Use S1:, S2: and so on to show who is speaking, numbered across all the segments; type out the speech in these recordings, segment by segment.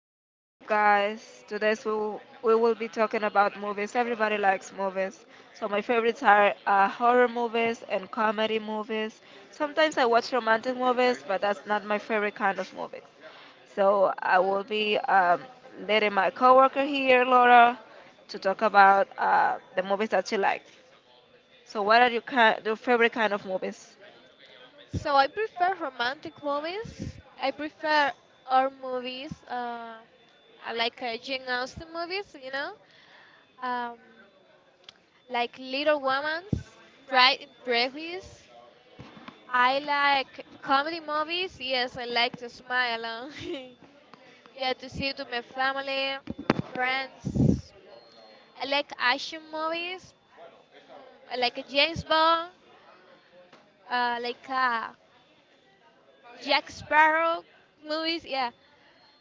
S1: as you said, guys, today we will be talking about movies. Everybody likes movies. So my favorites are horror movies and comedy movies. Sometimes I watch romantic movies, but that's not my favorite kind of movies. So I will be letting my coworker here, Laura, to talk about the movies that she likes. So what are your your favorite kind of movies?
S2: So I prefer romantic movies. I prefer our movies, I like Jane Austen movies, you know, um, like Little Women's, Pride and Prejudice. I like comedy movies. Yes, I like to smile. Yeah, to see to my family, friends. I like action movies. Mm, I like a James Bond. Like Jack Sparrow movies. Yeah.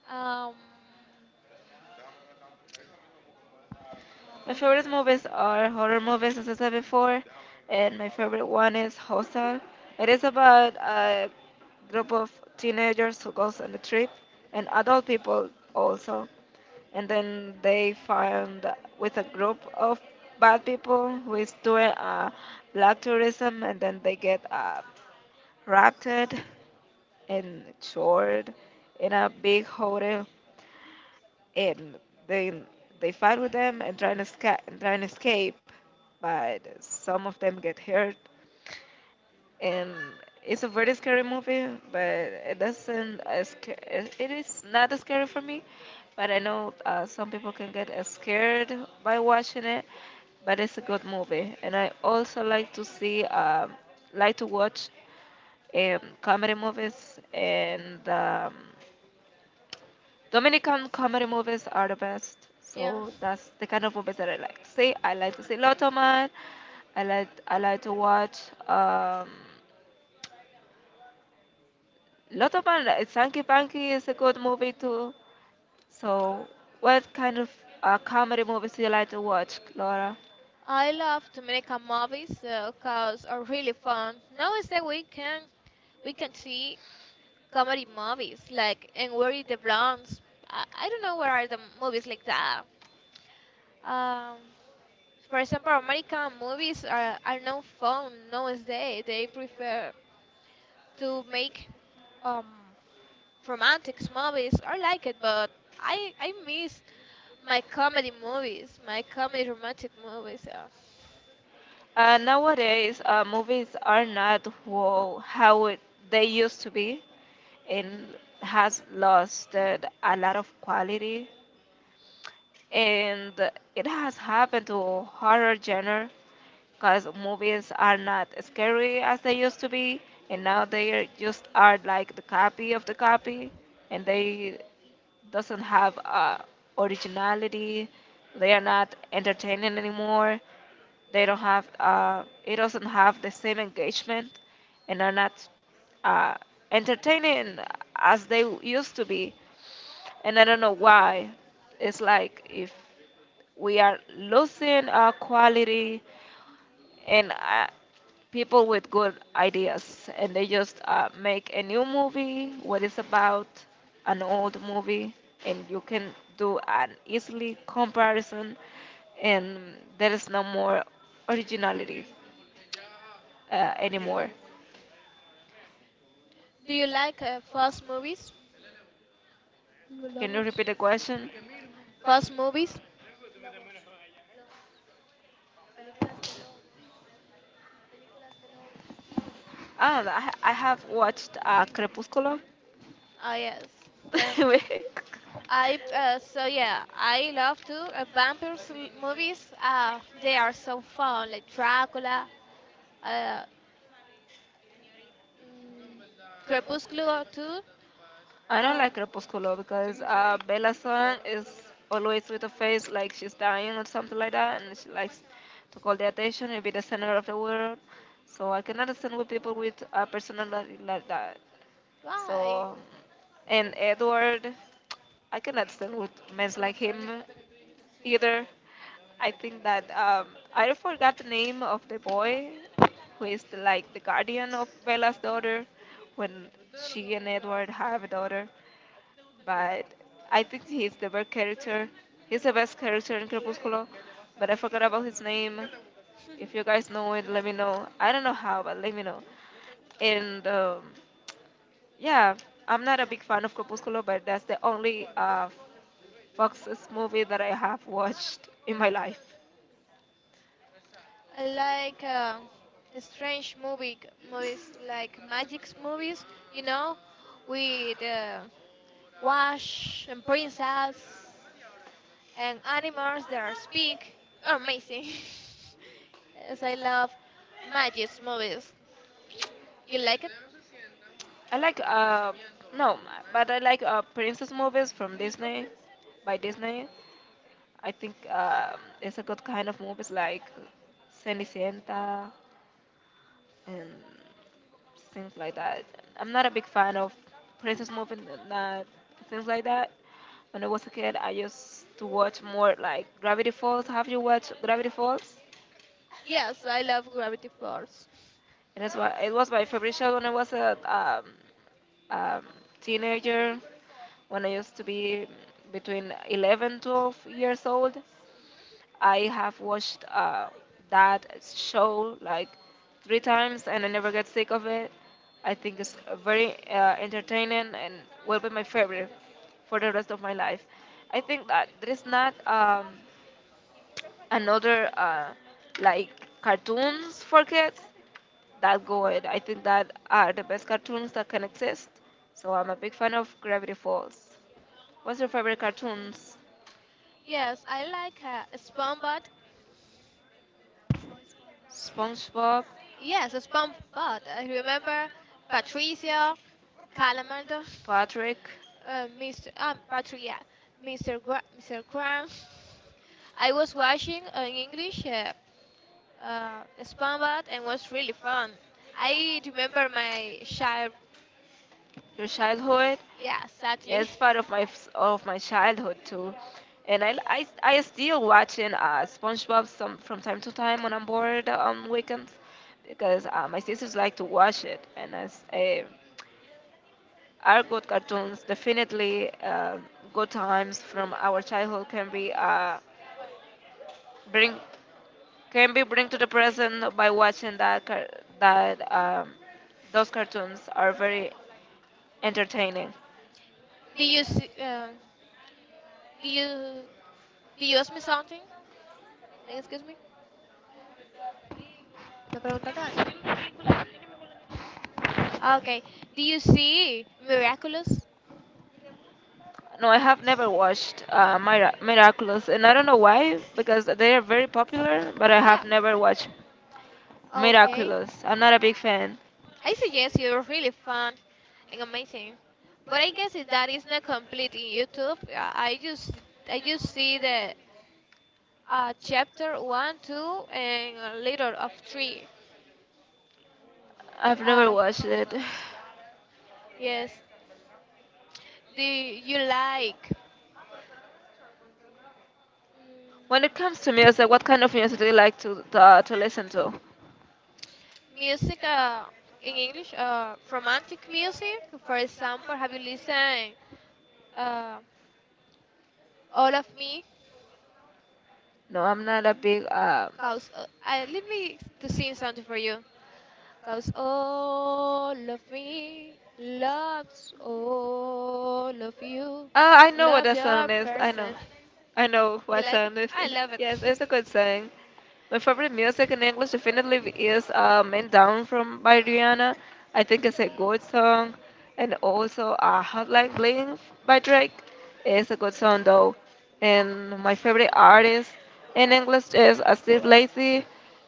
S2: Um,
S1: My favorite movies are horror movies, as I said before, and my favorite one is Hostel. It is about a group of teenagers who goes on a trip, and adult people also, and then they find with a group of bad people who is doing black tourism, and then they get raptured and stored in a big hotel and they they fight with them and and try and escape, but some of them get hurt. And it's a very scary movie, but it is not as scary for me, but I know some people can get as scared by watching it. But it's a good movie, and I also like to see like to watch comedy movies, and Dominican comedy movies are the best.
S2: yeah.
S1: So that's the kind of movies that I like to see. I like to see Lotto. I like to watch um Lotto. Sankey Panky is a good movie too. So what kind of comedy movies do you like to watch, Laura?
S2: I love Dominican movies because are really fun. Nowadays we can see comedy movies like and where is the Bronx? I don't know where are the movies like that. Um, for example, American movies are not fun nowadays. They prefer to make um, romantic movies. I like it, but I miss my comedy movies, my comedy romantic movies.
S1: Nowadays, movies are not they used to be, and has lost a lot of quality. And it has happened to horror genre because movies are not scary as they used to be, and now just are like the copy of the copy, and they doesn't have originality. They are not entertaining anymore. They don't have it doesn't have the same engagement, and are not uh, entertaining as they used to be, and I
S2: Yeah.
S1: don't know why. It's like if we are losing our quality, and people with good ideas, and they just make a new movie what is about an old movie, and you can do an easily comparison, and there is no more originality anymore.
S2: Do you like fast movies? You love
S1: Can
S2: Can
S1: you
S2: us.
S1: repeat the question?
S2: Fast movies?
S1: I have watched crepusculo.
S2: Ah, yes. Yeah. I so yeah, I love to vampires movies. They are so fun, like Dracula, uh, mm, Crepúsculo too.
S1: I don't
S2: Um,
S1: like Crepúsculo because Bella's son is always with a face like she's dying or something like that, and she likes to call the attention and be the center of the world. So I cannot understand with people with a personality like that.
S2: why?
S1: So, and Edward, I cannot stand with men like him either. I think that I forgot the name of the boy who is like the guardian of Bella's daughter when she and Edward have a daughter. But I think he's the best character. He's the best character in Crepúsculo. But I forgot about his name. If you guys know it, let me know. I don't know how, but let me know. And yeah, I'm not a big fan of Crepúsculo, but that's the only Fox's movie that I have watched in my life.
S2: I like strange movie movies like magic movies, you know, with Wash and princess and animals that are speak amazing. Yes, I love magic movies. You like it?
S1: I like no, but I like princess movies from Disney, by Disney. I think it's a good kind of movies like Cenicienta and things like that. I'm not a big fan of princess movies and that things like that. When I was a kid, I used to watch more like Gravity Falls. Have you watched Gravity Falls?
S2: Yes, I love Gravity Falls.
S1: It was my favorite show when I was a um, teenager, when I used to be between 11, 12 years old. I have watched that show like 3 times and I never get sick of it. I think it's very entertaining and will be my favorite for the rest of my life. I think that there is not another like cartoons for kids that go it. I think that are the best cartoons that can exist. So I'm a big fan of Gravity Falls. What's your favorite cartoons?
S2: Yes, I like SpongeBob.
S1: SpongeBob.
S2: Yes, SpongeBob. I remember Patricia, Calamardo,
S1: Patrick.
S2: uh, Mr. Um, Patricia, Mr. Graham. I was watching an English SpongeBob and was really fun. I remember my child.
S1: Your childhood.
S2: Yeah,
S1: Yeah,
S2: sadly.
S1: it's part of of my childhood too, and I still watching SpongeBob some from time to time when I'm bored on weekends, because my sisters like to watch it, and as are good cartoons. Definitely, good times from our childhood can be bring can be bring to the present by watching that those cartoons are very entertaining.
S2: Do you see, do you do you ask me something? Excuse me. ¿Me preguntaste algo?
S1: No, I
S2: Ah,
S1: didn't.
S2: okay. Do
S1: Okay.
S2: you see Miraculous?
S1: No, I have never watched Miraculous, and I don't know why because they are very popular, but I have
S2: Yeah.
S1: never watched. Okay.
S2: Okay.
S1: Miraculous. I'm not a big fan.
S2: I suggest you really fun and amazing. But I guess it, that is not complete in YouTube. I just see the chapter one, two, and a little of three.
S1: I've never
S2: Uh,
S1: watched it.
S2: yes. Do you like?
S1: When
S2: Mm,
S1: it comes to music, what kind of music do you like to listen to?
S2: music in English, romantic music. For example, have you listened uh, All of Me?
S1: No, I'm not a big.
S2: Cause let me to sing something for you. Cause all of me loves all of you.
S1: Oh, I know what
S2: Love
S1: that song
S2: your
S1: is. I know.
S2: person.
S1: I know
S2: You
S1: what
S2: like it?
S1: song this
S2: I
S1: is.
S2: love it.
S1: Yes, it's a good song. My favorite music in English definitely is "Man Down" from by Rihanna. I think it's a good song, and also "Hotline Bling" by Drake is a good song though. And my favorite artist in English is Steve Lacy,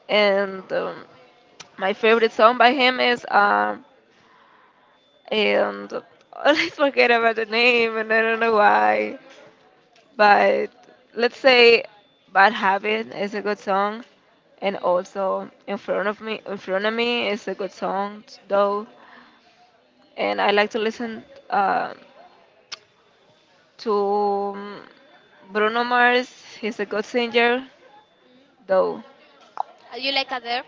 S1: and my favorite song by him is and I always forget about the name, and I don't know why. But let's say Bad Habit is a good song, and
S2: Mm.
S1: also In Front of Me is a good song though. And I like to listen uh, to Bruno Mars, he's a good singer though.
S2: You like Adele?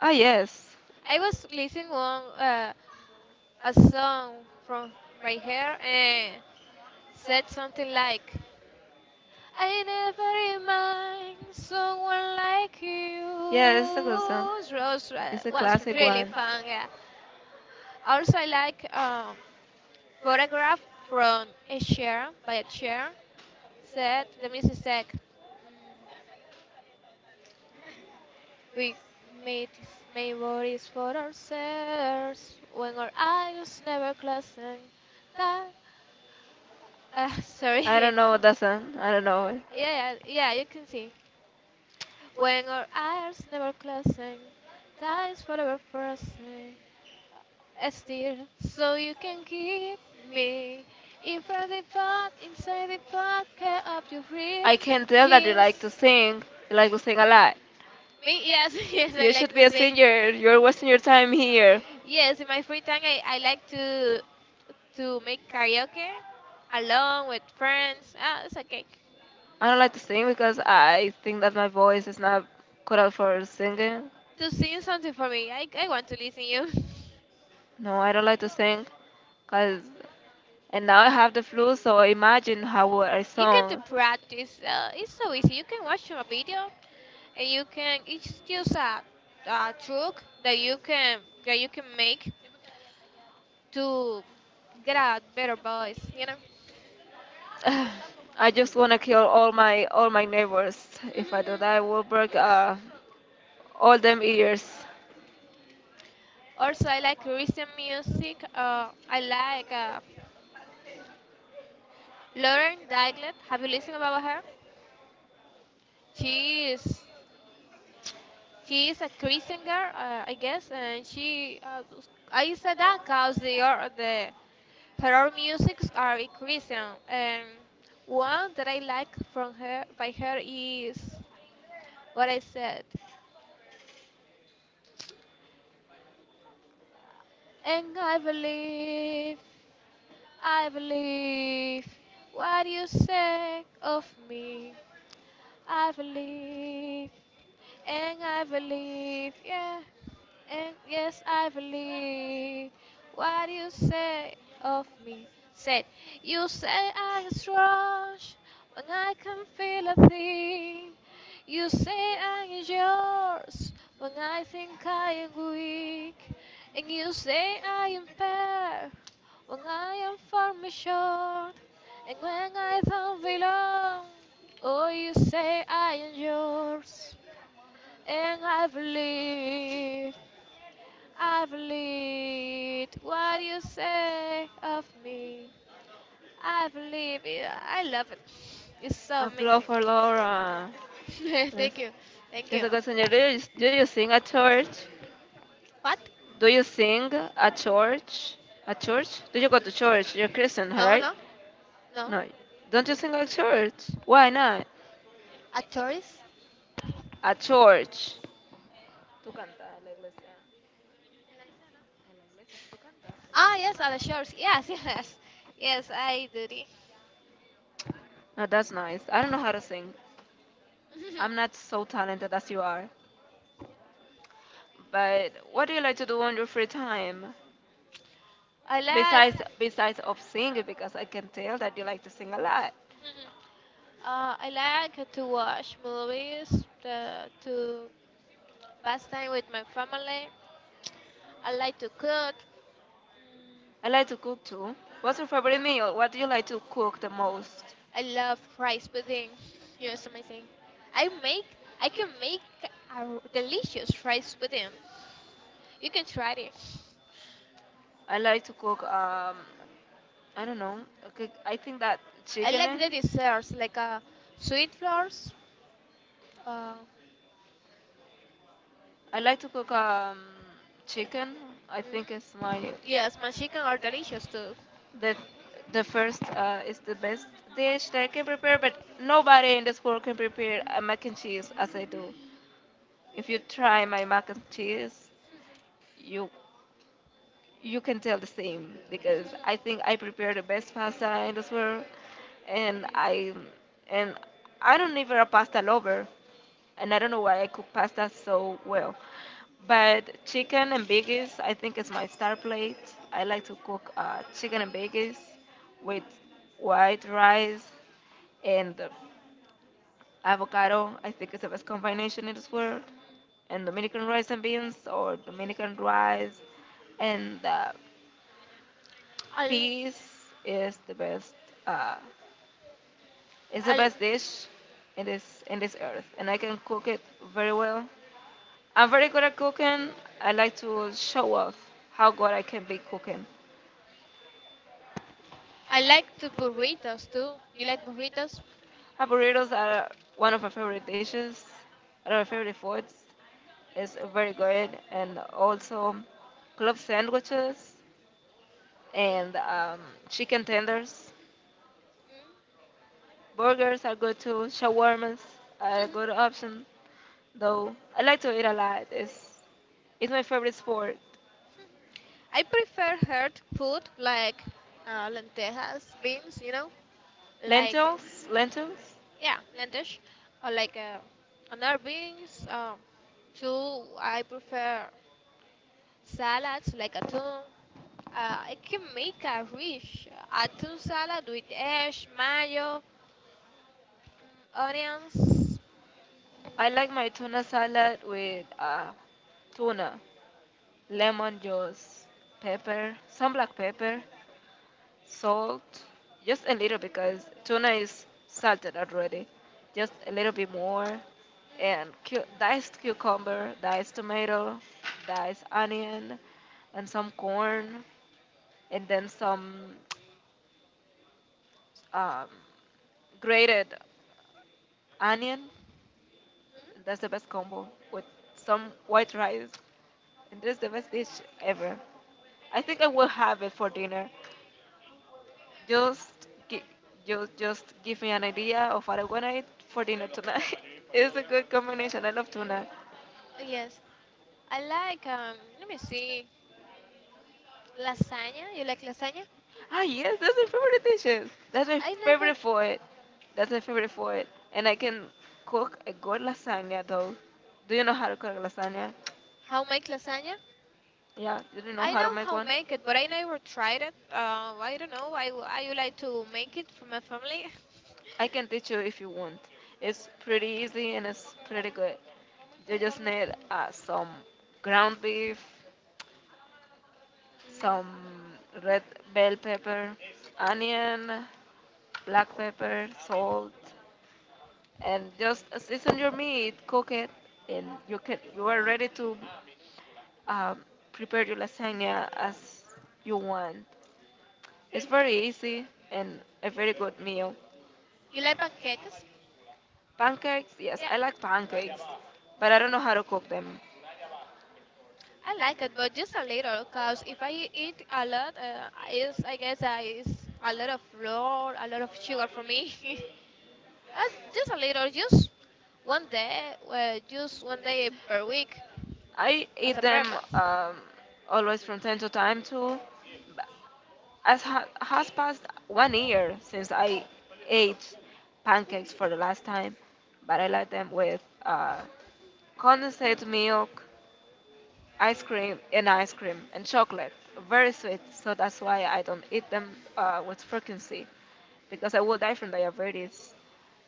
S1: Ah, yes.
S2: I was listening one a song from right here and said something like, "I never imagined someone like
S1: Yeah,
S2: you."
S1: it's a good song.
S2: It
S1: It's a
S2: was
S1: classic
S2: really
S1: one.
S2: fun. Yeah. Also, I like Photograph from a chair by a chair, said the Mrs. Mm, we made, made bodies for ourselves when our eyes never closing. That,
S1: I
S2: sorry.
S1: don't know that song. I don't know it.
S2: Yeah, yeah, yeah, you can see. When our eyes never closing, time's forever frozen. Still, so you can keep me in front of the pot, inside the pot, care up your rib,
S1: I can tell that you like to
S2: jeans.
S1: sing. You like to sing a lot.
S2: Me, yes, yes, I
S1: You should
S2: like to
S1: be a
S2: sing.
S1: singer. You're wasting your time here.
S2: Yes, in my free time, I like to make karaoke alone with friends. Ah, it's okay.
S1: I don't like to sing because I think that my voice is not good out for singing.
S2: To sing something for me, I want to listen you.
S1: No, I don't like to sing. Cause, and now I have the flu, so imagine how would I. You need
S2: You can do
S1: song.
S2: practice. It's so easy. You can watch a video, and you can. It's just a truck that you can make to get a better voice. You know.
S1: Ugh, I just want to kill all my neighbors. If I do
S2: Mhm. Mhm.
S1: that, I will break all them ears.
S2: Also, I like recent music. I like Lauren Daigle. Have you listened about her? She is. She is a Christian girl, I guess, and she. I said that because the her music are Christian. And one that I like from her by her is what I said. And I believe what you said of me. I believe, and I believe, yeah. And yes, I believe what you say of me. Said, you say I am strong when I can feel a thing. You say I am yours when I think I am weak. And you say I am fair when I am far me short. And when I don't belong, oh, you say I am yours. And I believe. I believe what you say of me. I believe it. I love it. It's so
S1: Applaud
S2: amazing.
S1: for Laura. Yes.
S2: Thank you. Thank
S1: She's
S2: you.
S1: a good singer. Do you sing at church?
S2: What?
S1: Do you sing at church? At church? Do you go to church? You're Christian,
S2: No,
S1: right?
S2: no. No.
S1: No. Don't you sing at church? Why not?
S2: At Chorris?
S1: At church. Tú cantas en la iglesia. En la iglesia tú cantas.
S2: Ah, yes, at the shores. Yes, yes. Yes, I do.
S1: Oh, that's nice. I don't know how to sing.
S2: It.
S1: I'm not so talented as you are. But what do you like to do on your free time?
S2: I like.
S1: Besides of singing, because I can tell that you like to sing a lot.
S2: to I like to watch movies, to pass time with my family. I like to cook.
S1: I
S2: Mm,
S1: like to cook too. What's your favorite meal? What do you like to cook the most?
S2: I love rice pudding. It's amazing. I make, I can make delicious rice pudding. You can try it.
S1: I like to cook. I don't know. Okay, I think that
S2: I
S1: chicken.
S2: like the
S1: And.
S2: desserts, like sweet flowers. Uh, mm
S1: I like to cook chicken. I think it's my
S2: Yes, my chicken are delicious too.
S1: the the first is the best dish that I can prepare. But nobody in this world can prepare a mac and cheese as I do. If you try my mac and cheese, you you can tell the same because I think I prepare the best pasta in this world, and I and I don't even a pasta lover, and I don't know why I cook pasta so well. But chicken and bagels, I think, is my star plate. I like to cook chicken and bagels with white rice and avocado. I think it's the best combination in this world.
S2: Hmm.
S1: And Dominican rice and beans, or Dominican rice and
S2: I,
S1: peas is the best. Uh, it's the
S2: I,
S1: best dish in this earth, and I can cook it very well. I'm very good at cooking. I like to show off how good I can be cooking.
S2: I like to burritos too. You like burritos?
S1: Burritos are one of my favorite dishes, one of my favorite foods. It's very good, and also club sandwiches and
S2: uh,
S1: chicken tenders.
S2: Mm.
S1: Burgers are good too. Shawarmas are a good
S2: Mm.
S1: option, though. I like to eat a lot. It's my favorite sport.
S2: I prefer hard food like lentejas, beans, you know, like.
S1: Lentils, lentils.
S2: Yeah, lentil, dish. Or like another beans. Two, I prefer salads like atún. I can make a rich atún salad with eggs, mayo, onions.
S1: I like my tuna salad with tuna, lemon juice, pepper, some black pepper, salt, just a little because tuna is salted already. Just a little bit more, and diced cucumber, diced tomato, diced onion, and some corn, and then some um, grated onion.
S2: Mm,
S1: That's the best combo with some white rice, and that's the best dish ever. I think I will have it for dinner. Just, gi- just give me an idea of what I want to eat for dinner tonight. It's a good combination. I love tuna.
S2: Yes, I like. Let me see, lasagna. You like lasagna?
S1: Ah, yes, that's my favorite dishes. That's my
S2: I never.
S1: favorite food. That's my favorite food. And I can cook a good lasagna, though. Do you know how to cook lasagna?
S2: How make lasagna?
S1: Yeah, you do know
S2: I
S1: how to
S2: know
S1: make
S2: how
S1: one?
S2: make it, but I never tried it. I don't know. I would like to make it for my family.
S1: I can teach you if you want. It's pretty easy and it's pretty good. You just need some ground beef, some red bell pepper, onion, black pepper, salt, and just season your meat, cook it, and you are ready to um, prepare your lasagna as you want. It's very easy and a very good meal.
S2: You like pancakes?
S1: Pancakes, yes, I like pancakes, but I don't know how to cook them.
S2: I like it, but just a little, cause if I eat a lot, is I guess is a lot of flour, a lot of sugar for me. uh, just a little, one day, just one day per week
S1: I
S2: as
S1: eat
S2: a
S1: them
S2: breakfast.
S1: um, always from time to time too. But has passed 1 year since I ate pancakes for the last time, but I like them with condensate milk, ice cream and chocolate. Very sweet, so that's why I don't eat them with frequency because I will die from diabetes.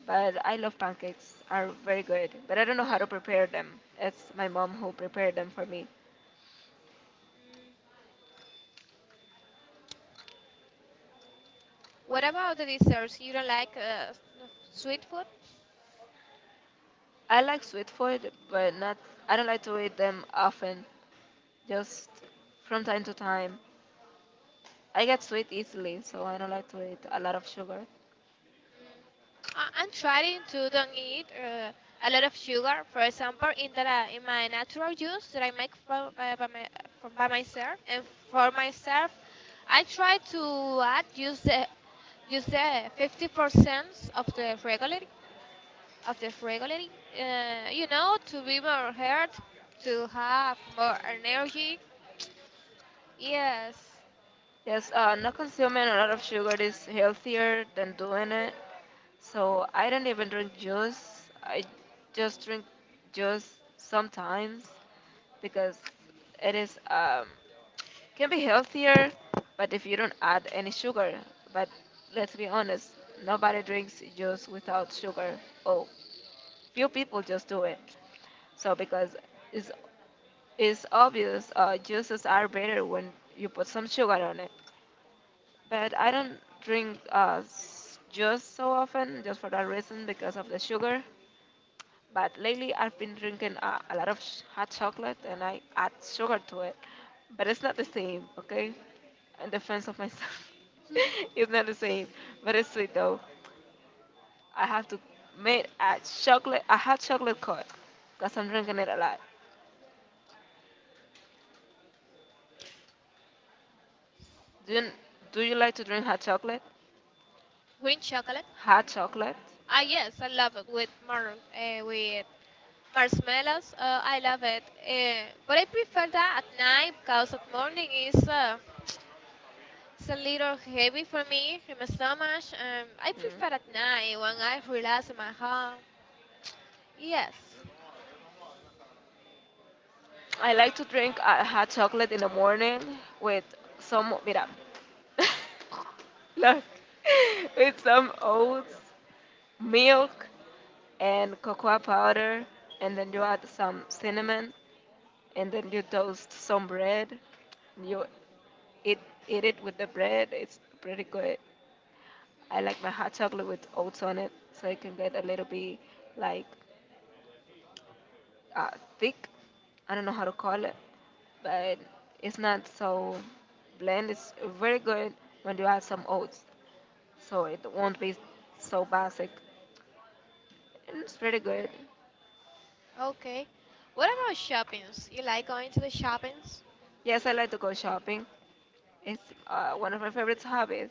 S1: But I love pancakes; are very good. But I don't know how to prepare them. It's my mom who prepared them for me.
S2: Mm. What about the desserts? You don't like sweet food?
S1: I like sweet food, but not. I don't like to eat them often. Just from time to time. I get sweet easily, so I don't like to eat a lot of sugar.
S2: Mm. I'm trying to don't eat a lot of sugar. For example, in the in my natural juice that I make from from by myself and for myself, I try to add use the 50% of the regular of the regular. You know, to be more health, to have more energy. Yes,
S1: Yes, not consuming a lot of sugar is healthier than doing it. So I don't even drink juice. I just drink juice sometimes because it is can be healthier, but if you don't add any sugar. But let's be honest, nobody drinks juice without sugar. Oh, few people just do it. So because it's it's obvious, juices are better when you put some sugar on it. But I don't drink juice so often just for that reason because of the sugar. But lately I've been drinking a lot of hot chocolate and I add sugar to it. But it's not the same, okay? In defense of myself, it's not the same. But it's sweet though. I have to make a hot chocolate coat because I'm drinking it a lot. Do you, do you like to drink hot chocolate?
S2: green chocolate.
S1: Hot chocolate?
S2: Ah, yes, I love it with more with marshmallows, I love it. But I prefer that at night because at morning is it's a little heavy for me in my stomach. I
S1: Mm.
S2: prefer at night
S1: Mm.
S2: when I relax in my home. Yes.
S1: I like to drink a hot chocolate in the morning with some, mira, look, with some oats, milk, and cocoa powder, and then you add some cinnamon, and then you toast some bread. You eat, eat it with the bread. It's pretty good. I like my hot chocolate with oats on it, so it can get a little bit like uh, thick. I don't know how to call it, but it's not so bland. It's very good when you add some oats, so
S2: Mhm.
S1: it won't be so basic. And it's pretty good.
S2: Okay. What about shoppings? You like going to the shoppings?
S1: Yes, I like to go shopping. It's one of my favorite hobbies,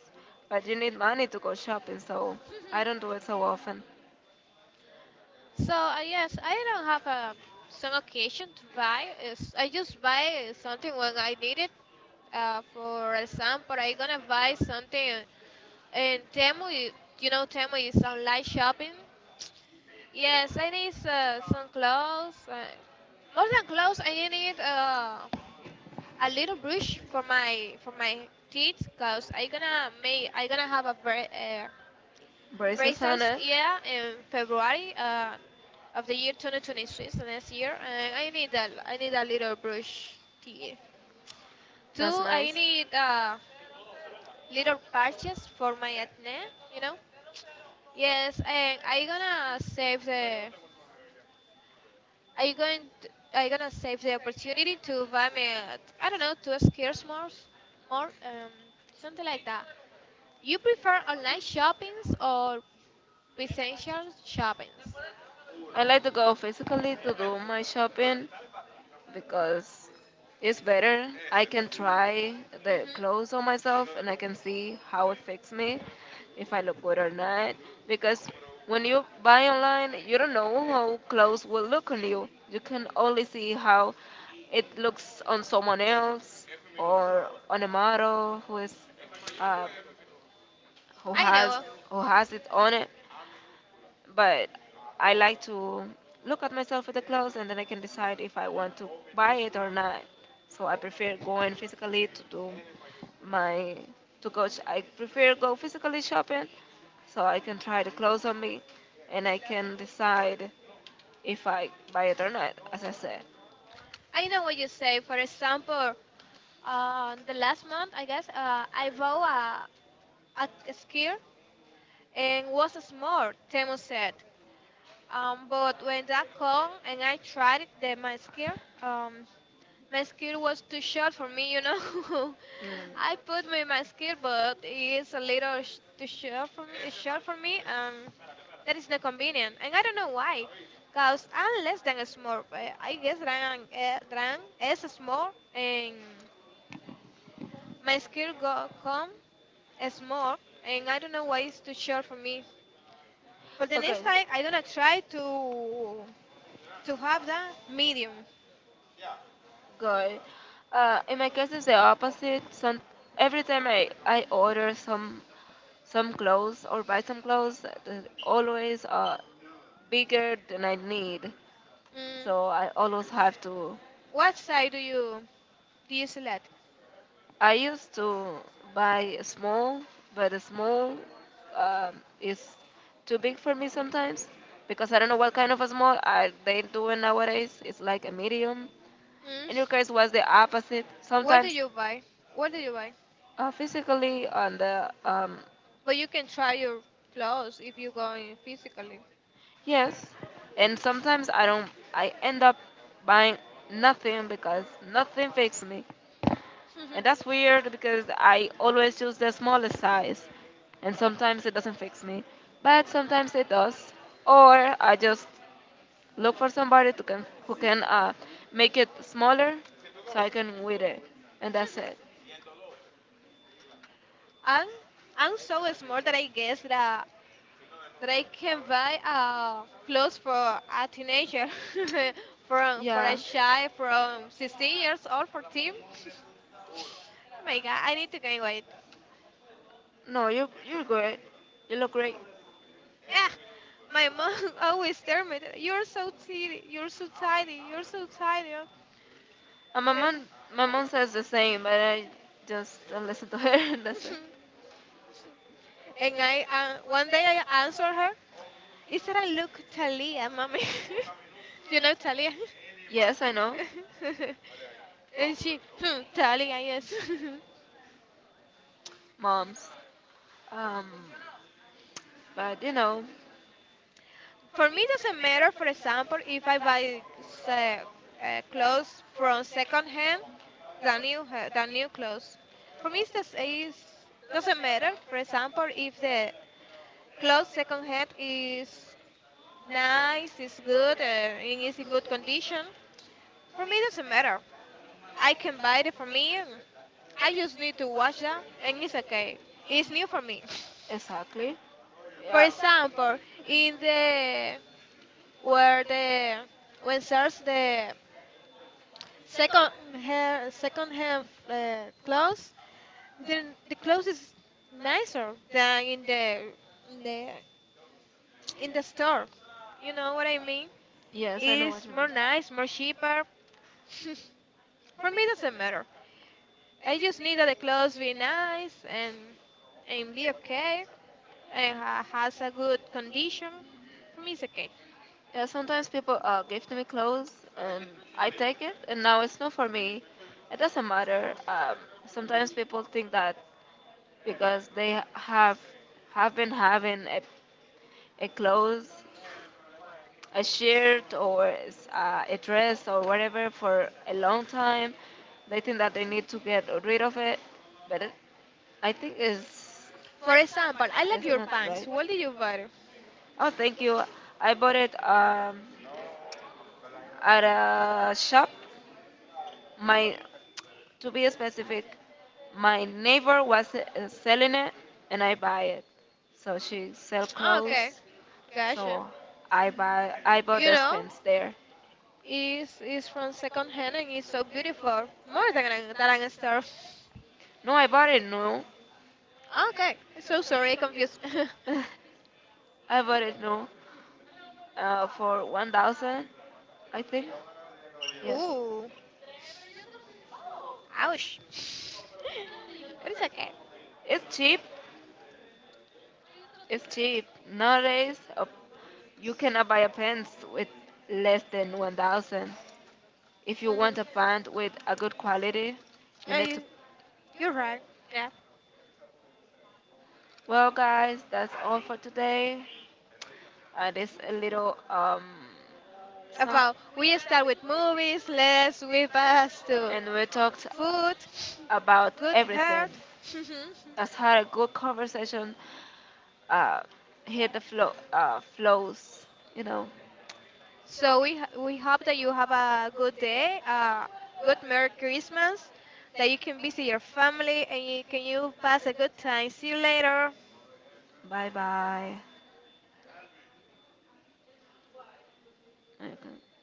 S1: but you need money to go shopping, so I don't do it so often.
S2: So yes, I don't have a some occasion to buy. It's, I just buy something when I need it. For example, I gonna buy something in Temu. You know, Temu is online shopping. Yes, I need some clothes. More than clothes, I need a little brush for my teeth, cause I gonna have a very Bracer's yeah in February of the year 2023, 2026 next year and I need a little brush teeth. Two, I need little patches for my acne, you know. Yes, and I going to, I gonna save the opportunity to buy me I don't know two skirs more more um, something like that. You prefer online shoppings or essential shoppings?
S1: I like to go physically to do my shopping, because it's better. I can try the clothes on
S2: Hmm.
S1: myself and I can see how it fits me, if I look good or not. Because when you buy online, you don't know how clothes will look on you. You can only see how it looks on someone else or on a model uh, who
S2: I
S1: has
S2: know.
S1: who has it on it, but I like to look at myself with the clothes and then I can decide if I want to buy it or not. So I prefer going physically to do my to coach. I prefer go physically shopping so I can try the clothes on me and I can decide if I buy it or not, as I said.
S2: I know what you say. For example, the last month, I guess, I bought a skirt and was small, Temu said. But when that come and I tried it, um, my skill was too short for me, you know.
S1: Mm.
S2: I put me my skill, but it's a little too short for me. Short for me. That is not convenient, and I don't know why. Cause I'm less than a small. I guess that that I'm as a small, and my skill go come as small, and I don't know why it's too short for me. For the next
S1: Okay.
S2: time, I'm gonna try to have that medium.
S1: Good. In my case, it's the opposite. Some Every time I order some clothes or buy some clothes, they're always bigger than I need.
S2: Mm.
S1: So I always have to.
S2: What size do you select?
S1: I used to buy small, but a small is too big for me sometimes because I don't know what kind of a small are they doing nowadays. It's like a medium.
S2: Mm.
S1: In your case, was the opposite. What do
S2: What do
S1: Sometimes, you
S2: you
S1: buy?
S2: buy?
S1: What
S2: What
S1: do
S2: do
S1: you
S2: you buy?
S1: buy? Physically on the
S2: But you can try your clothes if you go in physically.
S1: yes, and sometimes I don't. I end up buying nothing because nothing fits me, and that's weird because I always choose the smallest size, and sometimes it doesn't fix me, but sometimes it does. Or I just look for somebody to can who can make it smaller so I can wear it, and that's it.
S2: I'm I'm so small that I guess that I can buy clothes for a teenager, from for a
S1: Yeah.
S2: child from 16 years old, 14. Oh my god, I need to gain weight.
S1: No, you you're good. You look great.
S2: Yeah, my mom always tell me, that, "You're so tidy, you're so tidy, you're so tidy."
S1: And my mom says the same, but I just don't listen to her. That's it.
S2: And I, one day I answered her, "Is that I look Talia, mommy? You know Talia?"
S1: Yes, I know,
S2: And she, hmm, Talia, yes.
S1: moms. Um, but you know,
S2: For me, it doesn't matter, for example, if I buy say, clothes from second hand than new, than new clothes. For me, doesn't matter, for example, if the clothes second hand is nice, is good, and is in good condition. For me, it doesn't matter. I can buy it for me. I just need to wash that, and it's okay. It's new for me.
S1: exactly.
S2: For
S1: Yeah.
S2: example, in the where the when there's the second second hand clothes then the clothes is nicer than in the in the store, you know what I mean?
S1: Yes, I know what
S2: It's
S1: you mean.
S2: more nice, more cheaper. For me, it doesn't matter. I just need that the clothes be nice and be okay and has a good condition. For me, it's okay.
S1: Yeah, sometimes people give to me clothes and I take it, and now it's not for me. It doesn't matter. Sometimes people think that because they have been having a clothes, a shirt or a dress or whatever for a long time, they think that they need to get rid of it. But I think
S2: For example, I like
S1: is
S2: your
S1: not
S2: pants.
S1: right.
S2: What do you buy?
S1: Oh, thank you. I bought it at a shop. My, to be specific, my neighbor was selling it, and I buy it. So she sell, oh, okay,
S2: Oh, okay,
S1: clothes, gotcha,
S2: gotcha.
S1: so I buy. I bought,
S2: You
S1: you the know?
S2: know,
S1: Pants there.
S2: it's from second hand and it's so beautiful. More than an, than a star.
S1: No, I bought it new.
S2: Okay, so sorry, confused.
S1: I bought it new, for 1,000, I think. Yes,
S2: Ooh, ouch. But it's okay.
S1: it's cheap. It's cheap nowadays. You cannot buy a pants with less than 1,000. If you
S2: Mm.
S1: want a pant with a good quality, you need to.
S2: I, you're right. Yeah.
S1: Well, guys, that's all for today. This a little some,
S2: About we start with movies, let's whip us to
S1: and we talked
S2: food,
S1: about
S2: good
S1: everything.
S2: health.
S1: That's how a good conversation uh hit the flow flows. You know.
S2: So we hope that you have a good day, a good Merry Christmas, that you can visit your family and can you pass a good time. See you later.
S1: Bye bye. Okay.